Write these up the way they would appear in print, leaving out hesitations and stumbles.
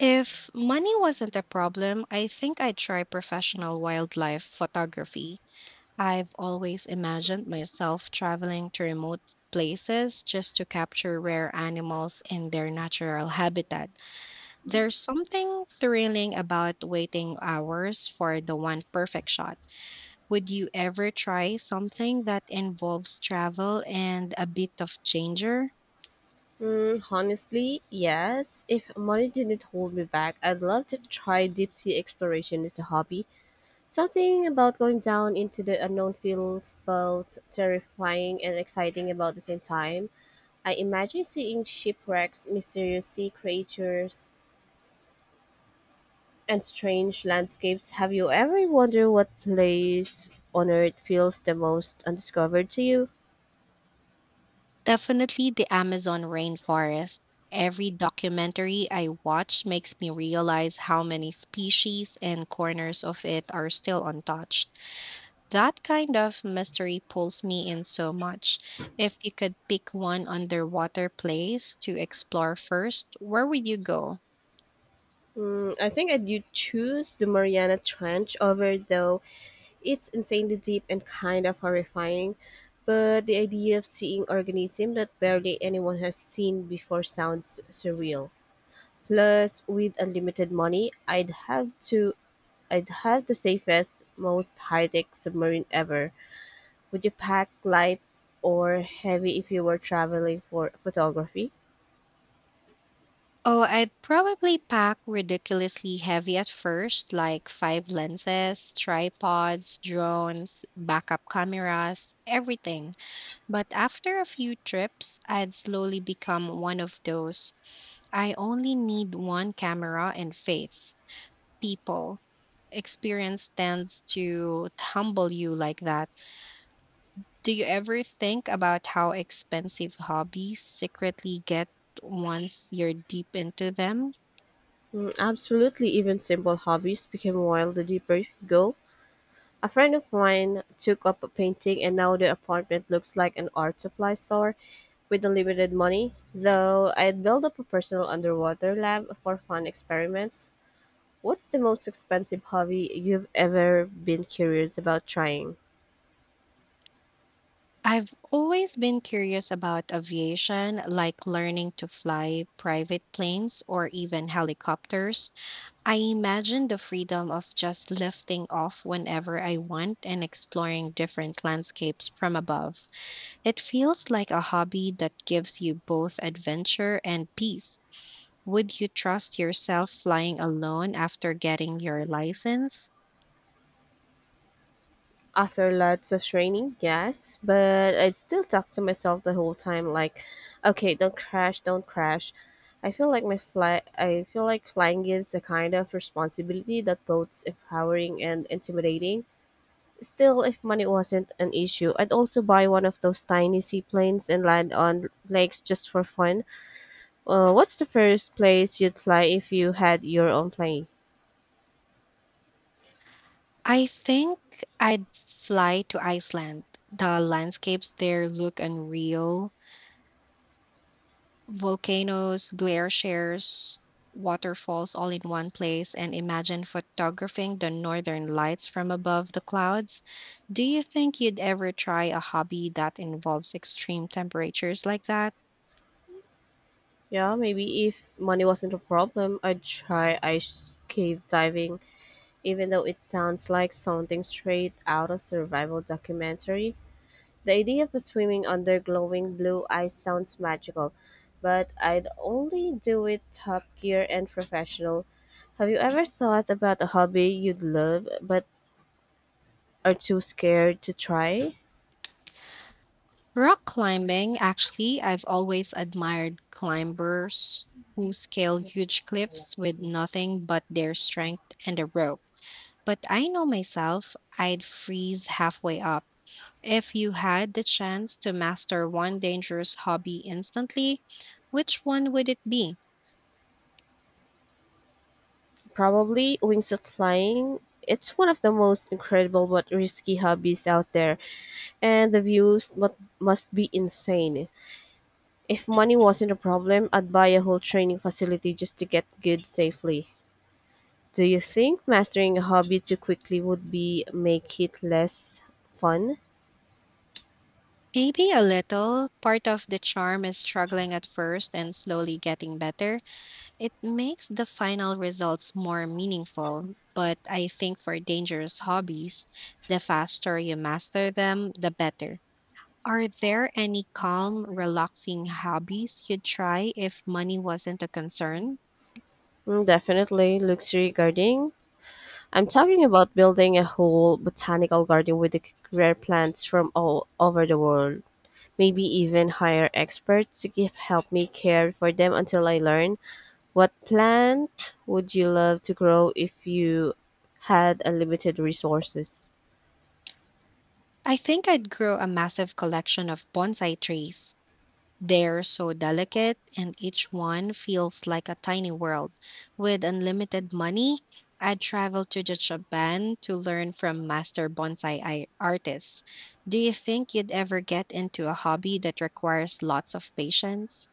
If money wasn't a problem, I think I'd try professional wildlife photography. I've always imagined myself traveling to remote places just to capture rare animals in their natural habitat. There's something thrilling about waiting hours for the one perfect shot. Would you ever try something that involves travel and a bit of danger? Honestly, yes. If money didn't hold me back, I'd love to try deep sea exploration as a hobby. Something about going down into the unknown feels both terrifying and exciting about the same time. I imagine seeing shipwrecks, mysterious sea creatures, and strange landscapes. Have you ever wondered what place on earth feels the most undiscovered to you? Definitely the Amazon rainforest. Every documentary I watch makes me realize how many species and corners of it are still untouched. That kind of mystery pulls me in so much. If you could pick one underwater place to explore first, where would you go? I think I'd you choose the Mariana Trench over though. It's insanely deep and kind of horrifying, but the idea of seeing organisms that barely anyone has seen before sounds surreal. Plus, with unlimited money, I'd have the safest, most high-tech submarine ever. Would you pack light or heavy if you were traveling for photography? Oh, I'd probably pack ridiculously heavy at first, like five lenses, tripods, drones, backup cameras, everything. But after a few trips, I'd slowly become one of those I only need one camera and faith people. Experience tends to humble you like that. Do you ever think about how expensive hobbies secretly get once you're deep into them? Absolutely, even simple hobbies become wild the deeper you go. A friend of mine took up a painting, and now the apartment looks like an art supply store. With unlimited money, though, I'd build up a personal underwater lab for fun experiments. What's the most expensive hobby you've ever been curious about trying? I've always been curious about aviation, like learning to fly private planes or even helicopters. I imagine the freedom of just lifting off whenever I want and exploring different landscapes from above. It feels like a hobby that gives you both adventure and peace. Would you trust yourself flying alone after getting your license? After lots of training, yes, but I'd still talk to myself the whole time, like, okay, don't crash, don't crash. I feel like my fly. I feel like flying gives a kind of responsibility that both empowering and intimidating. Still, if money wasn't an issue, I'd also buy one of those tiny seaplanes and land on lakes just for fun. What's the first place you'd fly if you had your own plane? I think I'd fly to Iceland. The landscapes there look unreal, volcanoes, glaciers, waterfalls all in one place, and imagine photographing the northern lights from above the clouds. Do you think you'd ever try a hobby that involves extreme temperatures like that? Yeah, maybe if money wasn't a problem, I'd try ice cave diving, even though it sounds like something straight out of survival documentary. The idea of swimming under glowing blue ice sounds magical, but I'd only do it top gear and professional. Have you ever thought about a hobby you'd love but are too scared to try? Rock climbing, actually, I've always admired climbers who scale huge cliffs with nothing but their strength and a rope. But I know myself, I'd freeze halfway up. If you had the chance to master one dangerous hobby instantly, which one would it be? Probably wingsuit flying. It's one of the most incredible but risky hobbies out there, and the views must be insane. If money wasn't a problem, I'd buy a whole training facility just to get good safely. Do you think mastering a hobby too quickly would be make it less fun? Maybe a little. Part of the charm is struggling at first and slowly getting better. It makes the final results more meaningful. But I think for dangerous hobbies, the faster you master them, the better. Are there any calm, relaxing hobbies you'd try if money wasn't a concern? Definitely luxury gardening. I'm talking about building a whole botanical garden with the rare plants from all over the world. Maybe even hire experts to give help me care for them until I learn. What plant would you love to grow if you had unlimited resources? I think I'd grow a massive collection of bonsai trees. They're so delicate, and each one feels like a tiny world. With unlimited money, I'd travel to the Japan to learn from master bonsai artists. Do you think you'd ever get into a hobby that requires lots of patience?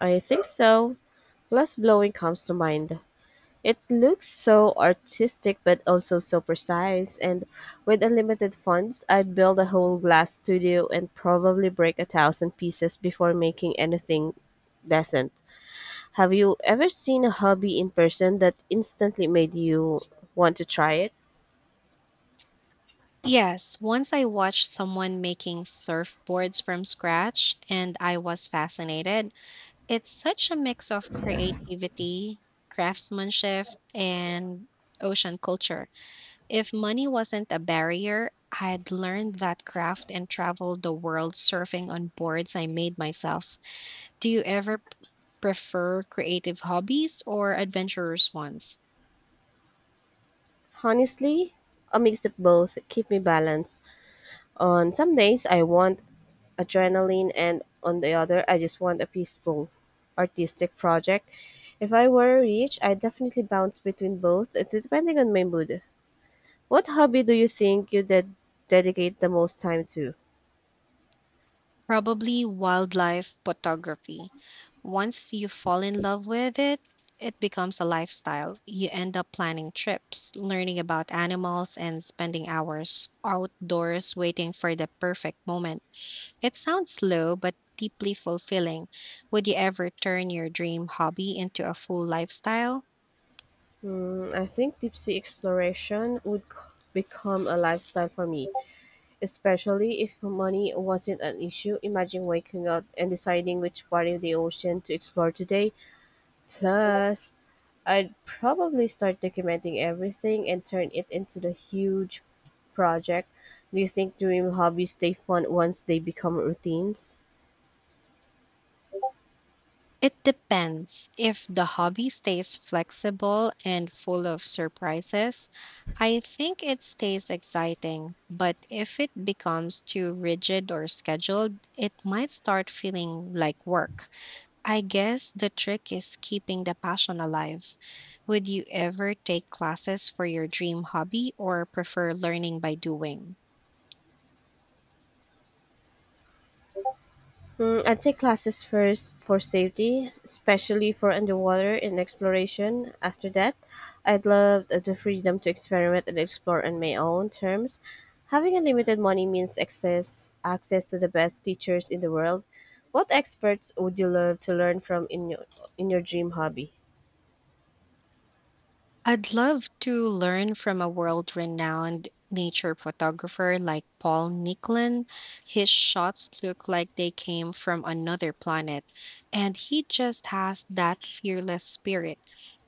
I think so. Glass blowing comes to mind. It looks so artistic but also so precise. And with unlimited funds, I'd build a whole glass studio and probably break a thousand pieces before making anything decent. Have you ever seen a hobby in person that instantly made you want to try it? Yes, once I watched someone making surfboards from scratch, and I was fascinated. It's such a mix of creativity, craftsmanship, and ocean culture. If money wasn't a barrier, I'd learned that craft and traveled the world surfing on boards I made myself. Do you ever prefer creative hobbies or adventurous ones? Honestly, a mix of both keep me balanced. On some days, I want adrenaline, and on the other, I just want a peaceful artistic project. If I were rich, I'd definitely bounce between both, It's depending on my mood. What hobby do you think you dedicate the most time to? Probably wildlife photography. Once you fall in love with it, it becomes a lifestyle. You end up planning trips, learning about animals, and spending hours outdoors waiting for the perfect moment. It sounds slow, but deeply fulfilling. Would you ever turn your dream hobby into a full lifestyle? I think deep sea exploration would become a lifestyle for me, especially if money wasn't an issue. Imagine waking up and deciding which part of the ocean to explore today. Plus, I'd probably start documenting everything and turn it into the huge project. Do you think dream hobbies stay fun once they become routines? It depends. If the hobby stays flexible and full of surprises, I think it stays exciting. But if it becomes too rigid or scheduled, it might start feeling like work. I guess the trick is keeping the passion alive. Would you ever take classes for your dream hobby or prefer learning by doing? I'd take classes first for safety, especially for underwater and exploration. After that, I'd love the freedom to experiment and explore on my own terms. Having unlimited money means access to the best teachers in the world. What experts would you love to learn from in your dream hobby? I'd love to learn from a world renowned nature photographer like Paul Nicklin. His shots look like they came from another planet, and he just has that fearless spirit.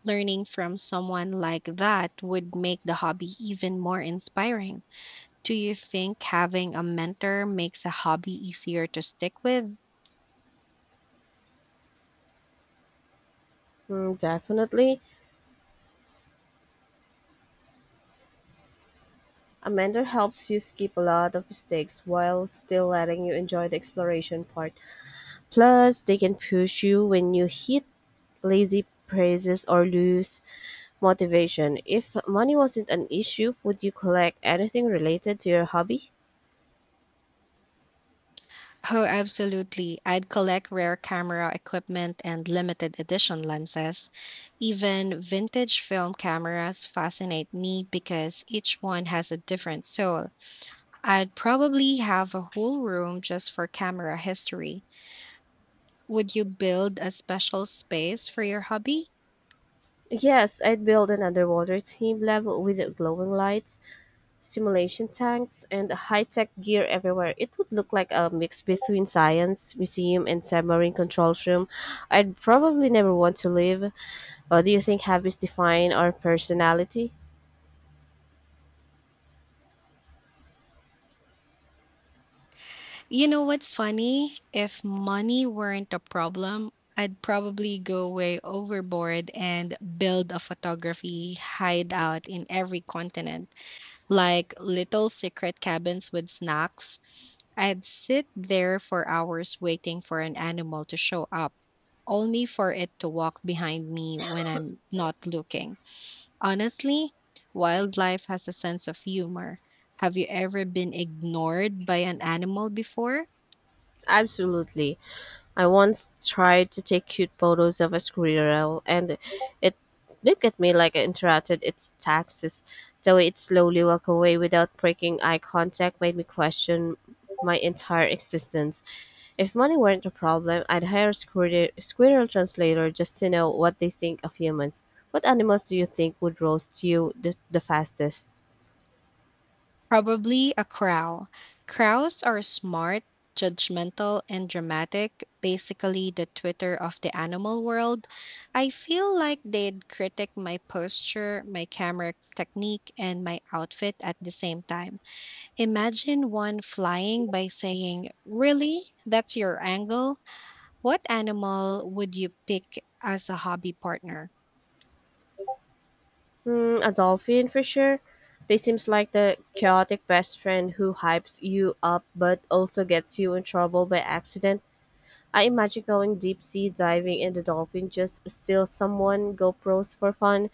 Learning from someone like that would make the hobby even more inspiring. Do you think having a mentor makes a hobby easier to stick with? Definitely. A mentor helps you skip a lot of mistakes while still letting you enjoy the exploration part. Plus, they can push you when you hit lazy praises or lose motivation. If money wasn't an issue, would you collect anything related to your hobby? Oh, absolutely. I'd collect rare camera equipment and limited edition lenses. Even vintage film cameras fascinate me because each one has a different soul. I'd probably have a whole room just for camera history. Would you build a special space for your hobby? Yes, I'd build an underwater theme level with glowing lights, simulation tanks, and high tech gear everywhere. It would look like a mix between science, museum, and submarine control room. I'd probably never want to leave. What do you think habits define our personality? You know what's funny? If money weren't a problem, I'd probably go way overboard and build a photography hideout in every continent, like little secret cabins with snacks. I'd sit there for hours waiting for an animal to show up, only for it to walk behind me when I'm not looking. Honestly, wildlife has a sense of humor. Have you ever been ignored by an animal before? Absolutely. I once tried to take cute photos of a squirrel and it looked at me like I interrupted its taxes. The way it slowly walked away without breaking eye contact made me question my entire existence. If money weren't a problem, I'd hire a squirrel translator just to know what they think of humans. What animals do you think would roast you the fastest? Probably a crow. Crows are smart, judgmental, and dramatic, basically the Twitter of the animal world. I feel like they'd critic my posture, my camera technique, and my outfit at the same time. Imagine one flying by saying, "Really? That's your angle?" What animal would you pick as a hobby partner? A dolphin for sure. They seems like the chaotic best friend who hypes you up but also gets you in trouble by accident. I imagine going deep sea diving and the dolphin just steal someone GoPros for fun.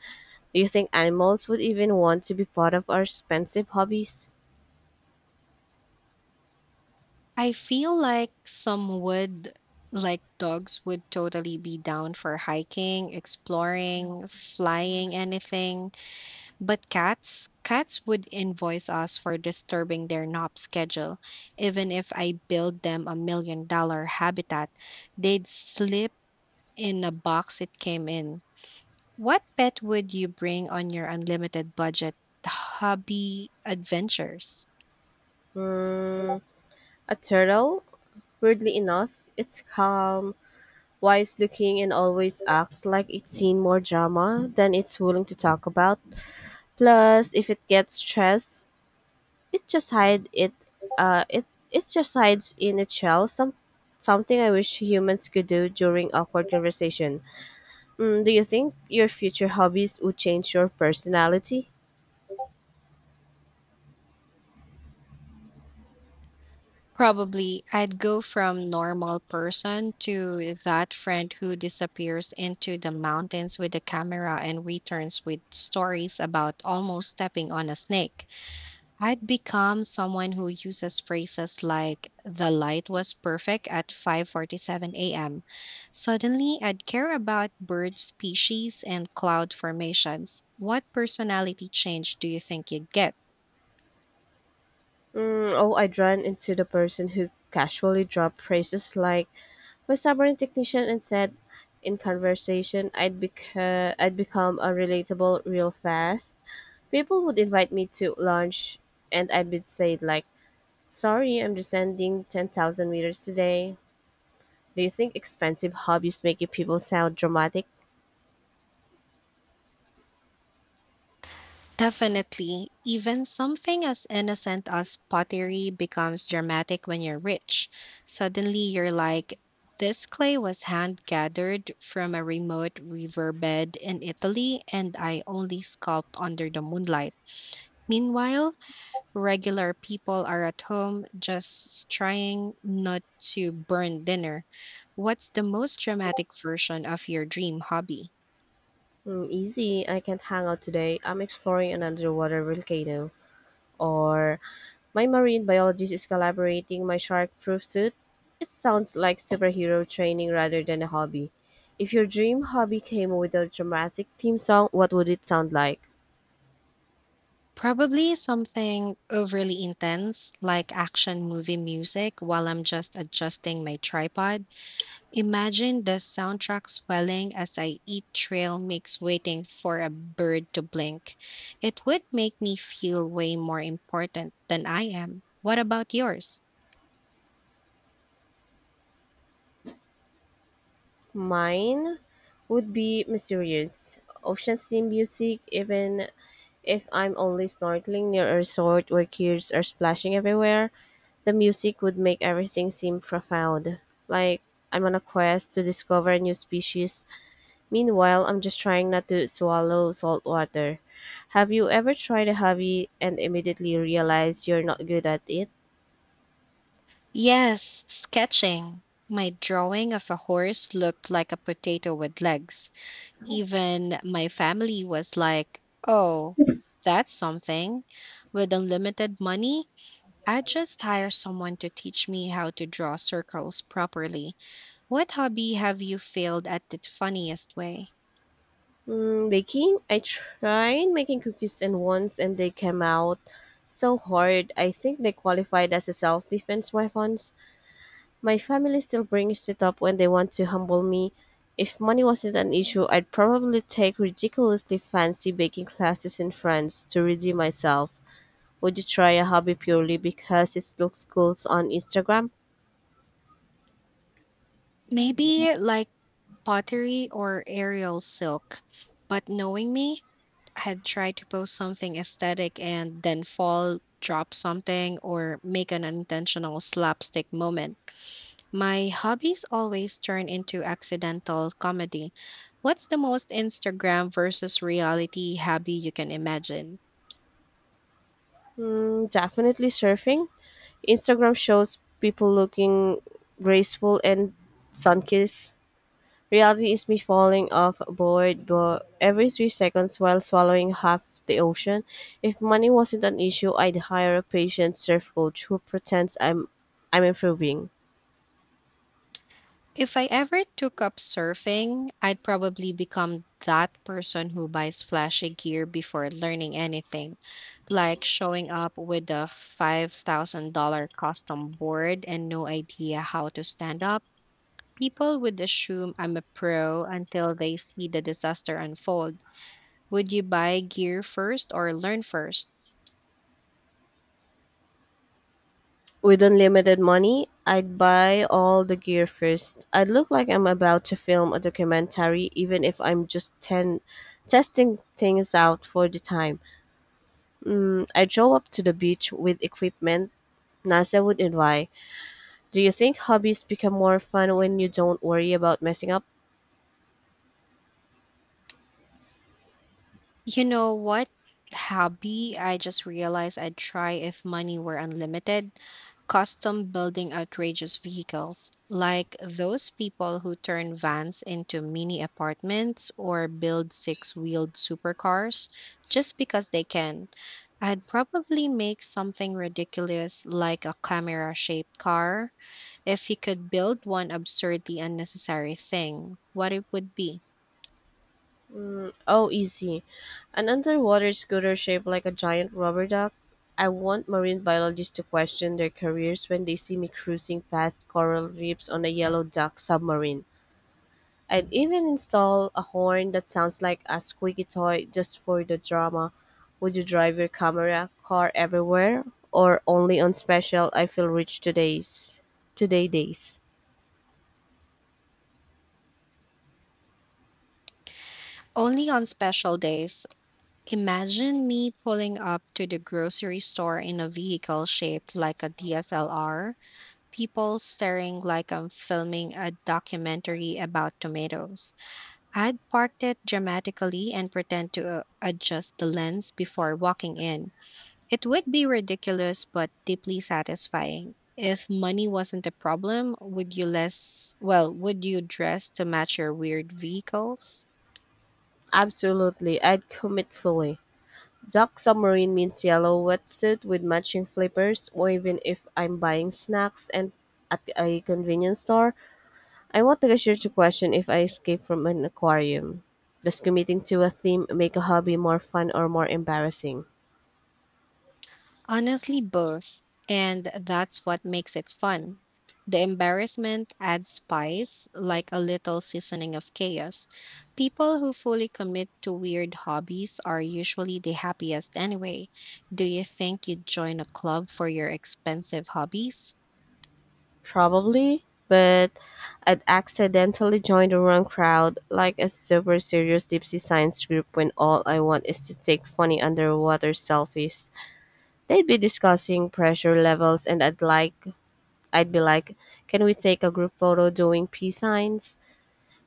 Do you think animals would even want to be part of our expensive hobbies? I feel like some would, like dogs, would totally be down for hiking, exploring, flying, anything. But cats, cats would invoice us for disturbing their nap schedule. Even if I build them a $1 million habitat, they'd sleep in a box it came in. What pet would you bring on your unlimited budget hobby adventures? Mm, a turtle? Weirdly enough, it's calm, wise looking, and always acts like it's seen more drama than it's willing to talk about. Plus, if it gets stressed, it just hide it. It just hides in its shell. Something I wish humans could do during awkward conversation. Do you think your future hobbies would change your personality? Probably I'd go from normal person to that friend who disappears into the mountains with a camera and returns with stories about almost stepping on a snake. I'd become someone who uses phrases like the light was perfect at 5:47 a.m. Suddenly, I'd care about bird species and cloud formations. What personality change do you think you'd get? Oh, I'd run into the person who casually dropped phrases like "my submarine technician" and said. In conversation, I'd become a relatable real fast. People would invite me to lunch, and I'd be said like Sorry, I'm descending 10,000 meters today. Do you think expensive hobbies make you people sound dramatic? Definitely. Even something as innocent as pottery becomes dramatic when you're rich. Suddenly, you're like, this clay was hand gathered from a remote riverbed in Italy, and I only sculpt under the moonlight. Meanwhile, regular people are at home just trying not to burn dinner. What's the most dramatic version of your dream hobby? Easy, I can't hang out today. I'm exploring an underwater volcano. Or, my marine biologist is collaborating my shark proof suit. It sounds like superhero training rather than a hobby. If your dream hobby came with a dramatic theme song, what would it sound like? Probably something overly intense, like action movie music, while I'm just adjusting my tripod. Imagine the soundtrack swelling as I eat trail mix, waiting for a bird to blink. It would make me feel way more important than I am. What about yours? Mine would be mysterious. Ocean theme music, even if I'm only snorkeling near a resort where kids are splashing everywhere, the music would make everything seem profound. Like I'm on a quest to discover a new species. Meanwhile, I'm just trying not to swallow salt water. Have you ever tried a hobby and immediately realized you're not good at it? Yes, sketching. My drawing of a horse looked like a potato with legs. Even my family was like, oh, that's something. With unlimited money, I'd just hire someone to teach me how to draw circles properly. What hobby have you failed at the funniest way? Baking? I tried making cookies and once and they came out so hard. I think they qualified as a self defense weapons. My family still brings it up when they want to humble me. If money wasn't an issue, I'd probably take ridiculously fancy baking classes in France to redeem myself. Would you try a hobby purely because it looks cool on Instagram? Maybe like pottery or aerial silk. But knowing me, I had tried to post something aesthetic and then fall, drop something, or make an unintentional slapstick moment. My hobbies always turn into accidental comedy. What's the most Instagram versus reality hobby you can imagine? Definitely surfing. Instagram shows people looking graceful and sun kissed. Reality is me falling off a board every 3 seconds while swallowing half the ocean. If money wasn't an issue, I'd hire a patient surf coach who pretends I'm improving. If I ever took up surfing, I'd probably become that person who buys flashy gear before learning anything, like showing up with a $5,000 custom board and no idea how to stand up. People would assume I'm a pro until they see the disaster unfold. Would you buy gear first or learn first? With unlimited money, I'd buy all the gear first. I'd look like I'm about to film a documentary, even if I'm just ten, testing things out for the time. I'd show up to the beach with equipment NASA would envy. Do you think hobbies become more fun when you don't worry about messing up? You know what hobby I just realized I'd try if money were unlimited? Custom building outrageous vehicles, like those people who turn vans into mini apartments or build six wheeled supercars just because they can. I'd probably make something ridiculous like a camera shaped car. If you could build one absurdly unnecessary thing, what it would be. Oh, easy. An underwater scooter shaped like a giant rubber duck. I want marine biologists to question their careers when they see me cruising past coral reefs on a yellow duck submarine. I'd even install a horn that sounds like a squeaky toy just for the drama. Would you drive your camera car everywhere or only on special I feel rich today days? Only on special days. Imagine me pulling up to the grocery store in a vehicle shaped like a DSLR, people staring like I'm filming a documentary about tomatoes. I'd parked it dramatically and pretend to adjust the lens before walking in. It would be ridiculous but deeply satisfying. If money wasn't a problem, would you would you dress to match your weird vehicles? Absolutely, I'd commit fully. Duck submarine means yellow wetsuit with matching flippers, or even if I'm buying snacks and at a convenience store, I want the cashier to question if I escaped from an aquarium. Does committing to a theme make a hobby more fun or more embarrassing? Honestly, both. And that's what makes it fun. The embarrassment adds spice, like a little seasoning of chaos. People who fully commit to weird hobbies are usually the happiest anyway. Do you think you'd join a club for your expensive hobbies? Probably, but I'd accidentally joined the wrong crowd, like a super serious deep sea science group when all I want is to take funny underwater selfies. They'd be discussing pressure levels, and I'd be like, can we take a group photo doing peace signs?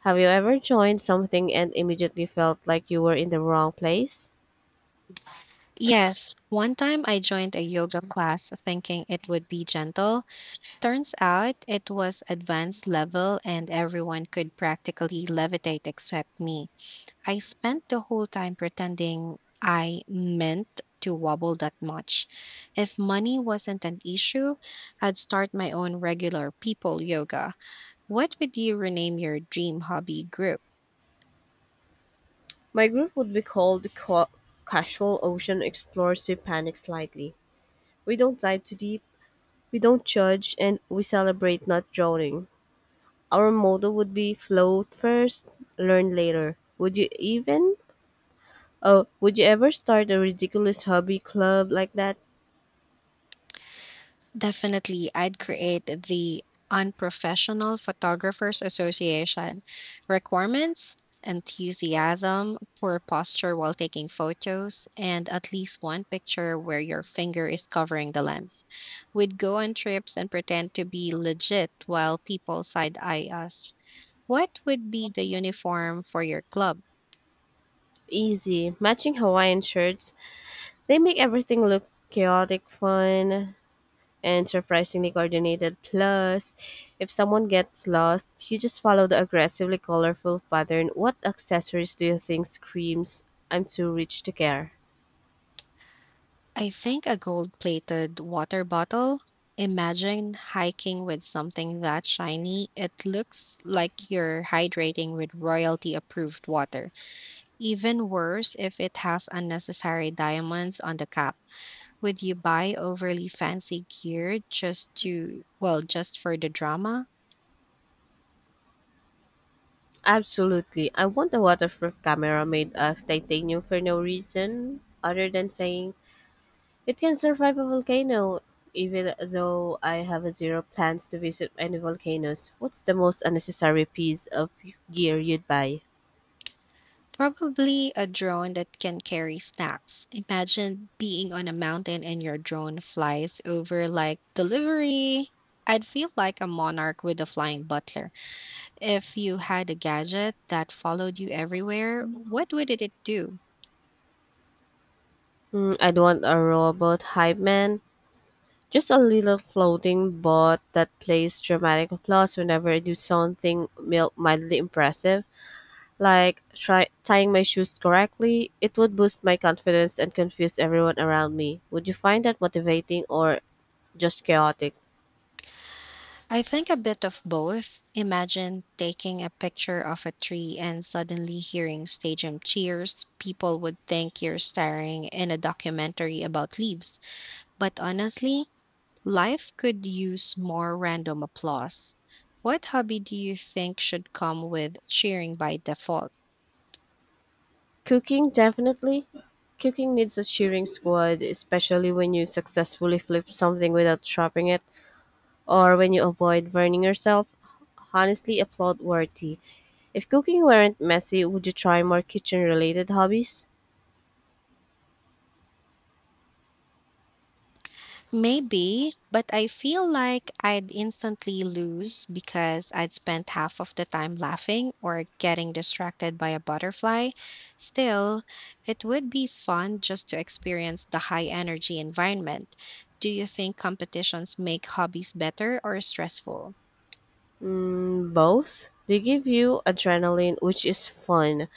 Have you ever joined something and immediately felt like you were in the wrong place? Yes, one time I joined a yoga class thinking it would be gentle. Turns out it was advanced level and everyone could practically levitate except me. I spent the whole time pretending I meant to wobble that much. If money wasn't an issue, I'd start my own regular people yoga. What would you rename your dream hobby group? My group would be called the Casual Ocean Explorers Who Panic Slightly. We don't dive too deep, we don't judge, and we celebrate not drowning. Our motto would be float first, learn later. Would you ever start a ridiculous hobby club like that? Definitely, I'd create the Unprofessional Photographers Association requirements, enthusiasm, poor posture while taking photos, and at least one picture where your finger is covering the lens. We'd go on trips and pretend to be legit while people side eye us. What would be the uniform for your club? Easy. Matching Hawaiian shirts. They make everything look chaotic, fun, and surprisingly coordinated. Plus, if someone gets lost, you just follow the aggressively colorful pattern. What accessories do you think screams, I'm too rich to care? I think a gold plated water bottle. Imagine hiking with something that shiny. It looks like you're hydrating with royalty approved water. Even worse if it has unnecessary diamonds on the cap. Would you buy overly fancy gear just to, well, just for the drama? Absolutely. I want a waterproof camera made of titanium for no reason other than saying it can survive a volcano, even though I have a zero plans to visit any volcanoes. What's the most unnecessary piece of gear you'd buy? Probably a drone that can carry snacks. Imagine being on a mountain and your drone flies over like delivery. I'd feel like a monarch with a flying butler. If you had a gadget that followed you everywhere, what would it do? I'd want a robot hype man. Just a little floating bot that plays dramatic applause whenever I do something mildly impressive, like tying my shoes correctly. It would boost my confidence and confuse everyone around me. Would you find that motivating or just chaotic? I think a bit of both. Imagine taking a picture of a tree and suddenly hearing stadium cheers. People would think you're staring in a documentary about leaves. But honestly, life could use more random applause. What hobby do you think should come with cheering by default? Cooking, definitely. Cooking needs a cheering squad, especially when you successfully flip something without dropping it, or when you avoid burning yourself, honestly applaud worthy. If cooking weren't messy, would you try more kitchen related hobbies? Maybe, but I feel like I'd instantly lose because I'd spent half of the time laughing or getting distracted by a butterfly. Still, it would be fun just to experience the high energy environment. Do you think competitions make hobbies better or stressful? Both. They give you adrenaline, which is fun,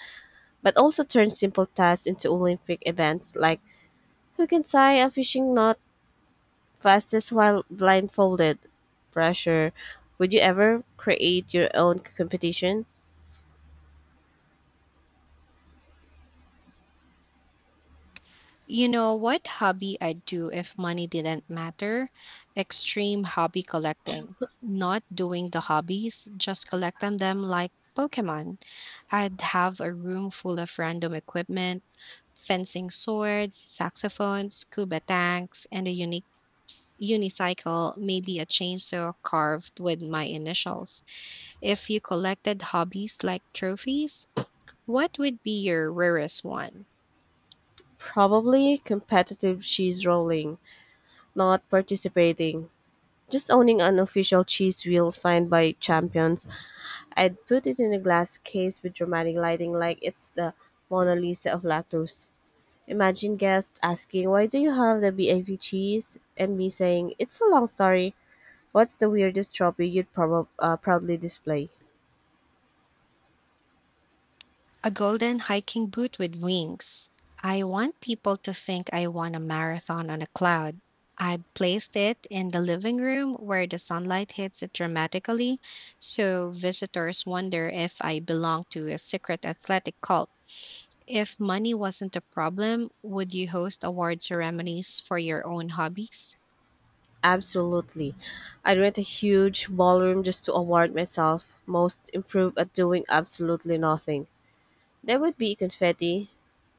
but also turn simple tasks into Olympic events like who can tie a fishing knot fastest while blindfolded? Pressure. Would you ever create your own competition? You know what hobby I'd do if money didn't matter? Extreme hobby collecting. Not doing the hobbies, just collecting them like Pokemon. I'd have a room full of random equipment, fencing swords, saxophones, scuba tanks, and a unique unicycle, maybe a chainsaw carved with my initials. If you collected hobbies like trophies, what would be your rarest one? Probably competitive cheese rolling, not participating. Just owning an official cheese wheel signed by champions, I'd put it in a glass case with dramatic lighting like it's the Mona Lisa of lactose. Imagine guests asking, "Why do you have the BAV cheese?" And me saying, "It's a long story." What's the weirdest trophy you'd proudly display? A golden hiking boot with wings. I want people to think I won a marathon on a cloud. I placed it in the living room where the sunlight hits it dramatically, so visitors wonder if I belong to a secret athletic cult. If money wasn't a problem, would you host award ceremonies for your own hobbies? Absolutely. I'd rent a huge ballroom just to award myself most improved at doing absolutely nothing. There would be confetti,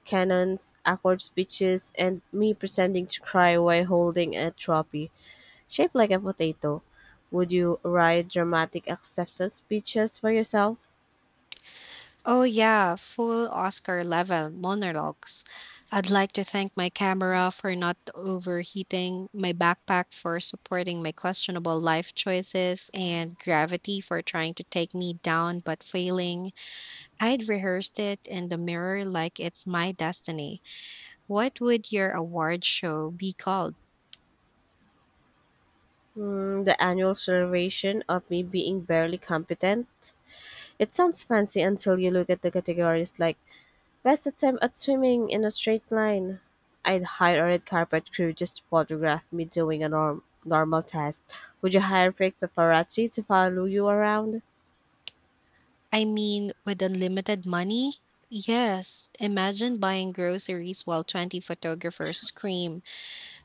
cannons, awkward speeches, and me pretending to cry while holding a trophy shaped like a potato. Would you write dramatic acceptance speeches for yourself? Oh, yeah, full Oscar level monologues. I'd like to thank my camera for not overheating, my backpack for supporting my questionable life choices, and gravity for trying to take me down but failing. I'd rehearsed it in the mirror like it's my destiny. What would your award show be called? The annual celebration of me being barely competent? It sounds fancy until you look at the categories like best attempt at swimming in a straight line. I'd hire a red carpet crew just to photograph me doing a normal task. Would you hire fake paparazzi to follow you around? I mean, with unlimited money? Yes, imagine buying groceries while 20 photographers scream.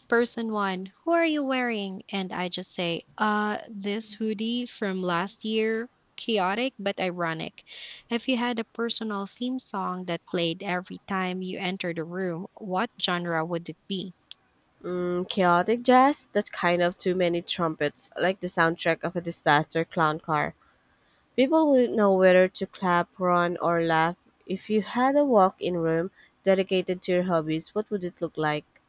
Person one, who are you wearing? And I just say, this hoodie from last year, chaotic but ironic. If you had a personal theme song that played every time you entered a room, what genre would it be? Chaotic jazz? That's kind of too many trumpets, like the soundtrack of a disaster clown car. People wouldn't know whether to clap, run, or laugh. If you had a walk in room dedicated to your hobbies, what would it look like?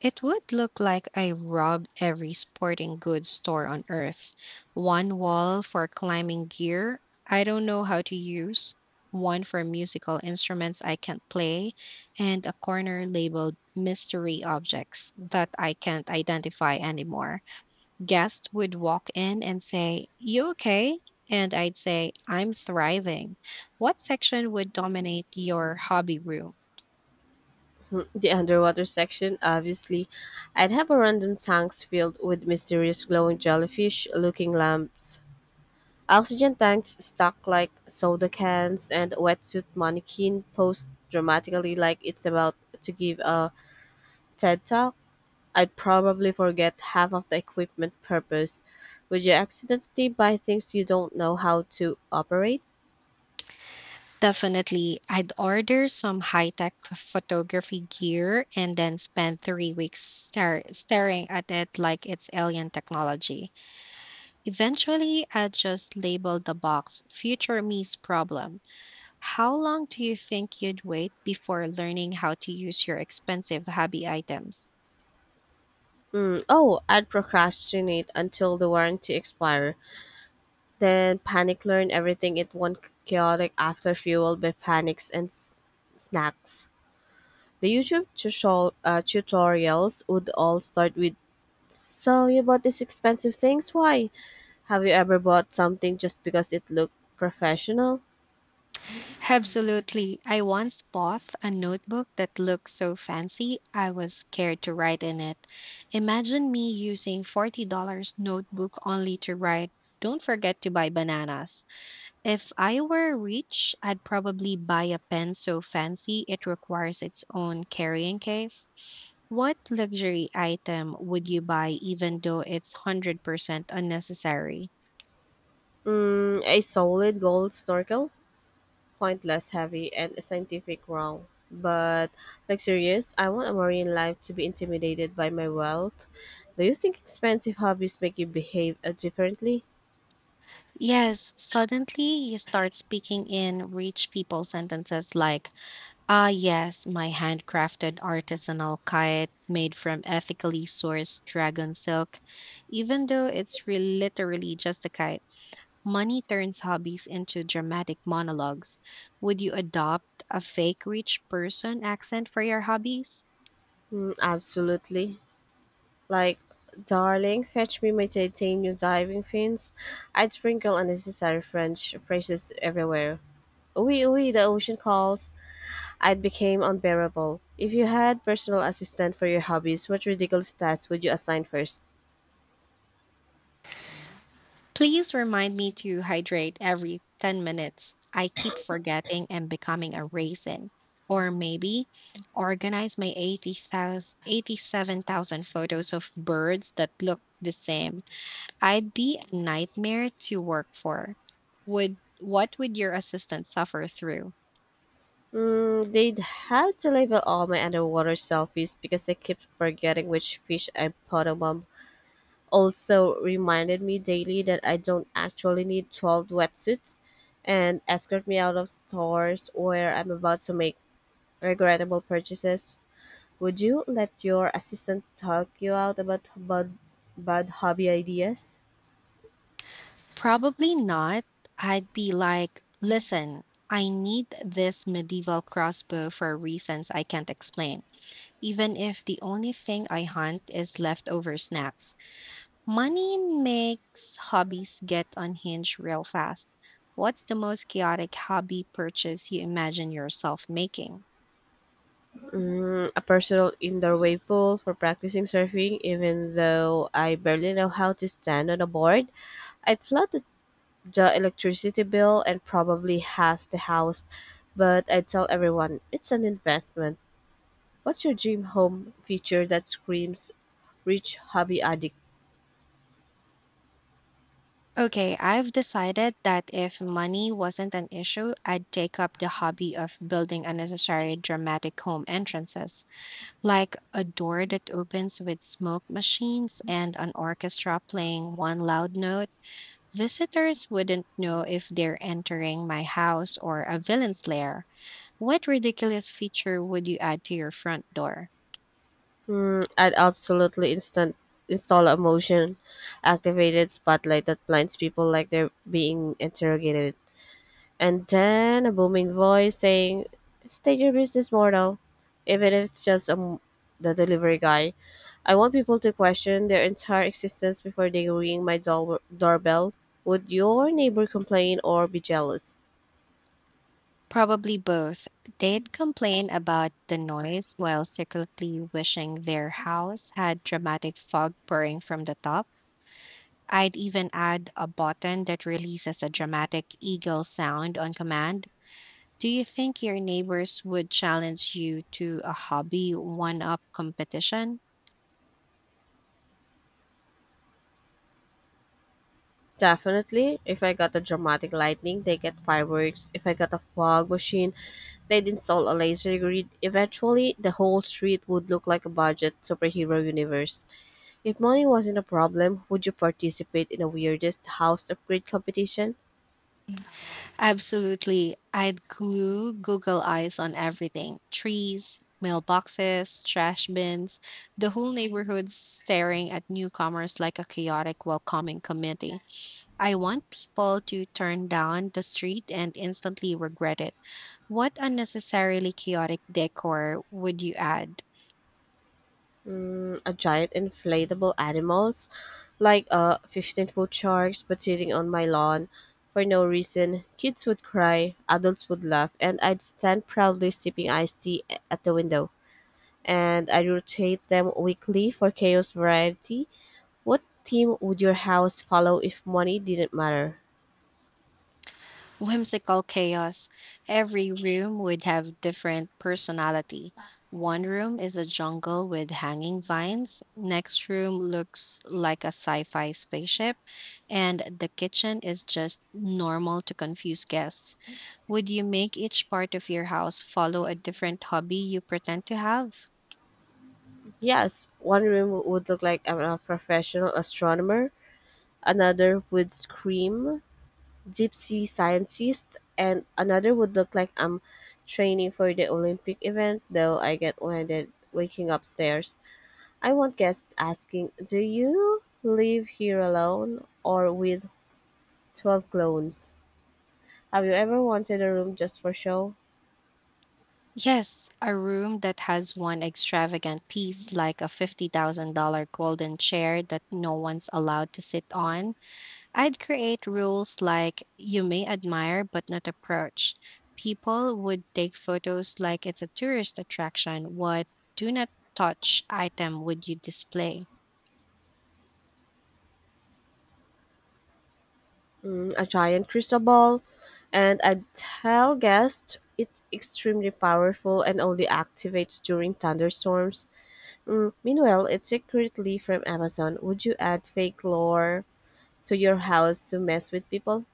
It would look like I robbed every sporting goods store on earth. One wall for climbing gear I don't know how to use, one for musical instruments I can't play, and a corner labeled mystery objects that I can't identify anymore. Guests would walk in and say, "You okay?" And I'd say, "I'm thriving." What section would dominate your hobby room? The underwater section, obviously. I'd have a random tanks filled with mysterious glowing jellyfish looking lamps. Oxygen tanks stuck like soda cans and a wetsuit mannequin posed dramatically like it's about to give a TED talk. I'd probably forget half of the equipment purpose. Would you accidentally buy things you don't know how to operate? Definitely. I'd order some high tech photography gear and then spend three weeks staring at it like it's alien technology. Eventually, I'd just label the box Future Me's Problem. How long do you think you'd wait before learning how to use your expensive hobby items? Oh, I'd procrastinate until the warranty expires. Then panic learn everything in one chaotic after fueled by panics and snacks. The YouTube tutorials would all start with, "So you bought these expensive things? Why?" Have you ever bought something just because it looked professional? Absolutely. I once bought a notebook that looked so fancy, I was scared to write in it. Imagine me using $40 notebook only to write, "Don't forget to buy bananas." If I were rich, I'd probably buy a pen so fancy it requires its own carrying case. What luxury item would you buy even though it's 100% unnecessary? A solid gold snorkel? Pointless, heavy, and a scientific wrong. But, like, serious, I want a marine life to be intimidated by my wealth. Do you think expensive hobbies make you behave differently? Yes, suddenly you start speaking in rich people sentences like, "Ah, yes, my handcrafted artisanal kite made from ethically sourced dragon silk." Even though it's literally just a kite, money turns hobbies into dramatic monologues. Would you adopt a fake rich person accent for your hobbies? Absolutely. Like, darling, fetch me my titanium diving fins. I'd sprinkle unnecessary French phrases everywhere. Oui, oui, the ocean calls. I'd became unbearable. If you had personal assistant for your hobbies, what ridiculous tasks would you assign first? Please remind me to hydrate every 10 minutes. I keep forgetting and becoming a raisin. Or maybe organize my 87,000 photos of birds that look the same. I'd be a nightmare to work for. Would what would your assistant suffer through? They'd have to label all my underwater selfies because I keep forgetting which fish I put on, also reminded me daily that I don't actually need 12 wetsuits and escort me out of stores where I'm about to make regrettable purchases. Would you let your assistant talk you out about bad hobby ideas? Probably not. I'd be like, "Listen, I need this medieval crossbow for reasons I can't explain," even if the only thing I hunt is leftover snacks. Money makes hobbies get unhinged real fast. What's the most chaotic hobby purchase you imagine yourself making? A personal indoor wave pool for practicing surfing, even though I barely know how to stand on a board. I'd flood the electricity bill and probably half the house, but I tell everyone it's an investment. What's your dream home feature that screams rich hobby addict? Okay, I've decided that if money wasn't an issue, I'd take up the hobby of building unnecessary dramatic home entrances, like a door that opens with smoke machines and an orchestra playing one loud note. Visitors wouldn't know if they're entering my house or a villain's lair. What ridiculous feature would you add to your front door? I'd absolutely instant install a motion activated spotlight that blinds people like they're being interrogated. And then a booming voice saying, "State your business, mortal." Even if it's just the delivery guy. I want people to question their entire existence before they ring my doorbell. Would your neighbor complain or be jealous? Probably both. They'd complain about the noise while secretly wishing their house had dramatic fog pouring from the top. I'd even add a button that releases a dramatic eagle sound on command. Do you think your neighbors would challenge you to a hobby one up competition? Definitely. If I got a dramatic lightning, they get fireworks. If I got a fog machine, they'd install a laser grid. Eventually, the whole street would look like a budget superhero universe. If money wasn't a problem, would you participate in the weirdest house upgrade competition? Absolutely. I'd glue Google Eyes on everything, trees, mailboxes, trash bins, the whole neighborhood staring at newcomers like a chaotic welcoming committee. I want people to turn down the street and instantly regret it. What unnecessarily chaotic decor would you add? A giant inflatable animals, like 15-foot sharks, but sitting on my lawn for no reason. Kids would cry, adults would laugh, and I'd stand proudly sipping iced tea at the window, and I rotate them weekly for chaos variety. What theme would your house follow if money didn't matter? Whimsical chaos. Every room would have different personality. One room is a jungle with hanging vines, next room looks like a sci-fi spaceship, and the kitchen is just normal to confuse guests. Would you make each part of your house follow a different hobby you pretend to have? Yes, one room would look like I'm a professional astronomer, another would scream deep sea scientist, and another would look like I'm training for the Olympic event, though I get winded waking upstairs. I want guests asking, "Do you live here alone or with 12 clones?" Have you ever wanted a room just for show? Yes, a room that has one extravagant piece, like a $50,000 golden chair that no one's allowed to sit on. I'd create rules like, "You may admire but not approach." People would take photos like it's a tourist attraction. What do not touch item would you display? A giant crystal ball? And I tell guests it's extremely powerful and only activates during thunderstorms. Meanwhile, it's secretly from Amazon. Would you add fake lore to your house to mess with people?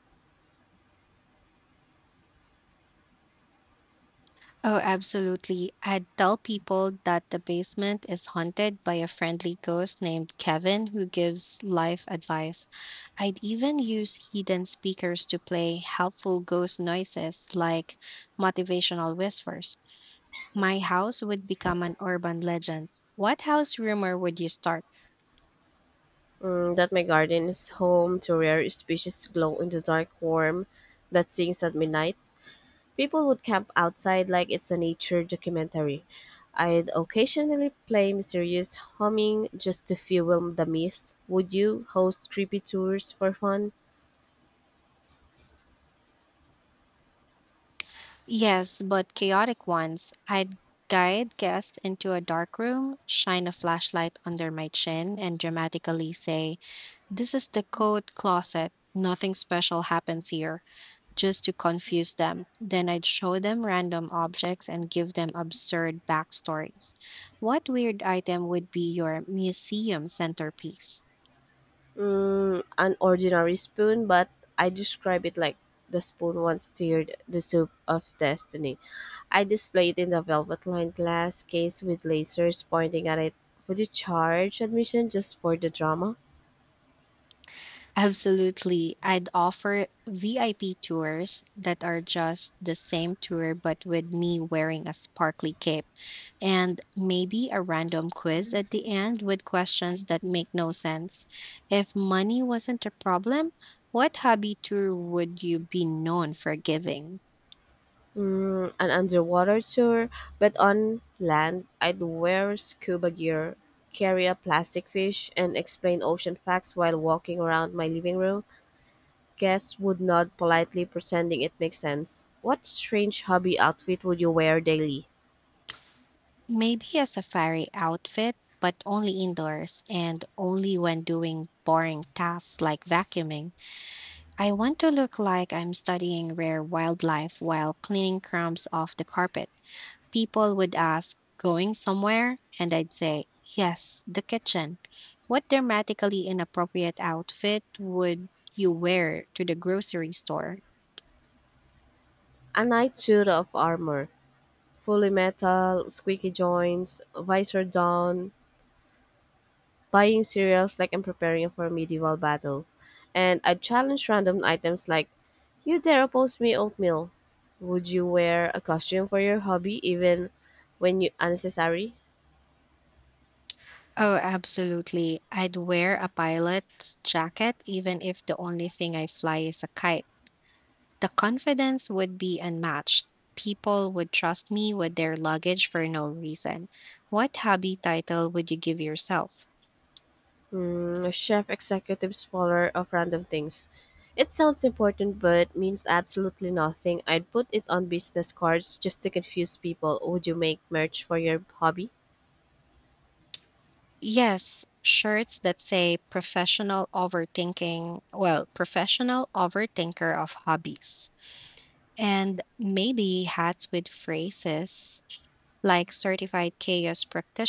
Oh, absolutely. I'd tell people that the basement is haunted by a friendly ghost named Kevin who gives life advice. I'd even use hidden speakers to play helpful ghost noises like motivational whispers. My house would become an urban legend. What house rumor would you start? That my garden is home to rare species glow in the dark worm that sings at midnight. People would camp outside like it's a nature documentary. I'd occasionally play mysterious humming just to fuel the myth. Would you host creepy tours for fun? Yes, but chaotic ones. I'd guide guests into a dark room, shine a flashlight under my chin, and dramatically say, "This is the coat closet. Nothing special happens here," just to confuse them. Then I'd show them random objects and give them absurd backstories. What weird item would be your museum centerpiece? An ordinary spoon, but I describe it like, "The spoon once stirred the soup of destiny." I display it in the velvet lined glass case with lasers pointing at it. Would you charge admission just for the drama? Absolutely. I'd offer VIP tours that are just the same tour, but with me wearing a sparkly cape and maybe a random quiz at the end with questions that make no sense. If money wasn't a problem, what hobby tour would you be known for giving? An underwater tour, but on land, I'd wear scuba gear, carry a plastic fish, and explain ocean facts while walking around my living room. Guests would nod politely, pretending it makes sense. What strange hobby outfit would you wear daily? Maybe a safari outfit, but only indoors and only when doing boring tasks like vacuuming. I want to look like I'm studying rare wildlife while cleaning crumbs off the carpet. People would ask, "Going somewhere?" And I'd say, "Yes, the kitchen." What dramatically inappropriate outfit would you wear to the grocery store? A night suit of armor, fully metal, squeaky joints, visor down, buying cereals like I'm preparing for a medieval battle. And I'd challenge random items like, "You dare oppose me oatmeal." Would you wear a costume for your hobby even when you unnecessary? Oh, absolutely. I'd wear a pilot's jacket, even if the only thing I fly is a kite. The confidence would be unmatched. People would trust me with their luggage for no reason. What hobby title would you give yourself? Chef executive spoiler of random things. It sounds important but means absolutely nothing. I'd put it on business cards just to confuse people. Would you make merch for your hobby? Yes, shirts that say professional overthinking, well, professional overthinker of hobbies. And maybe hats with phrases like certified chaos practitioner.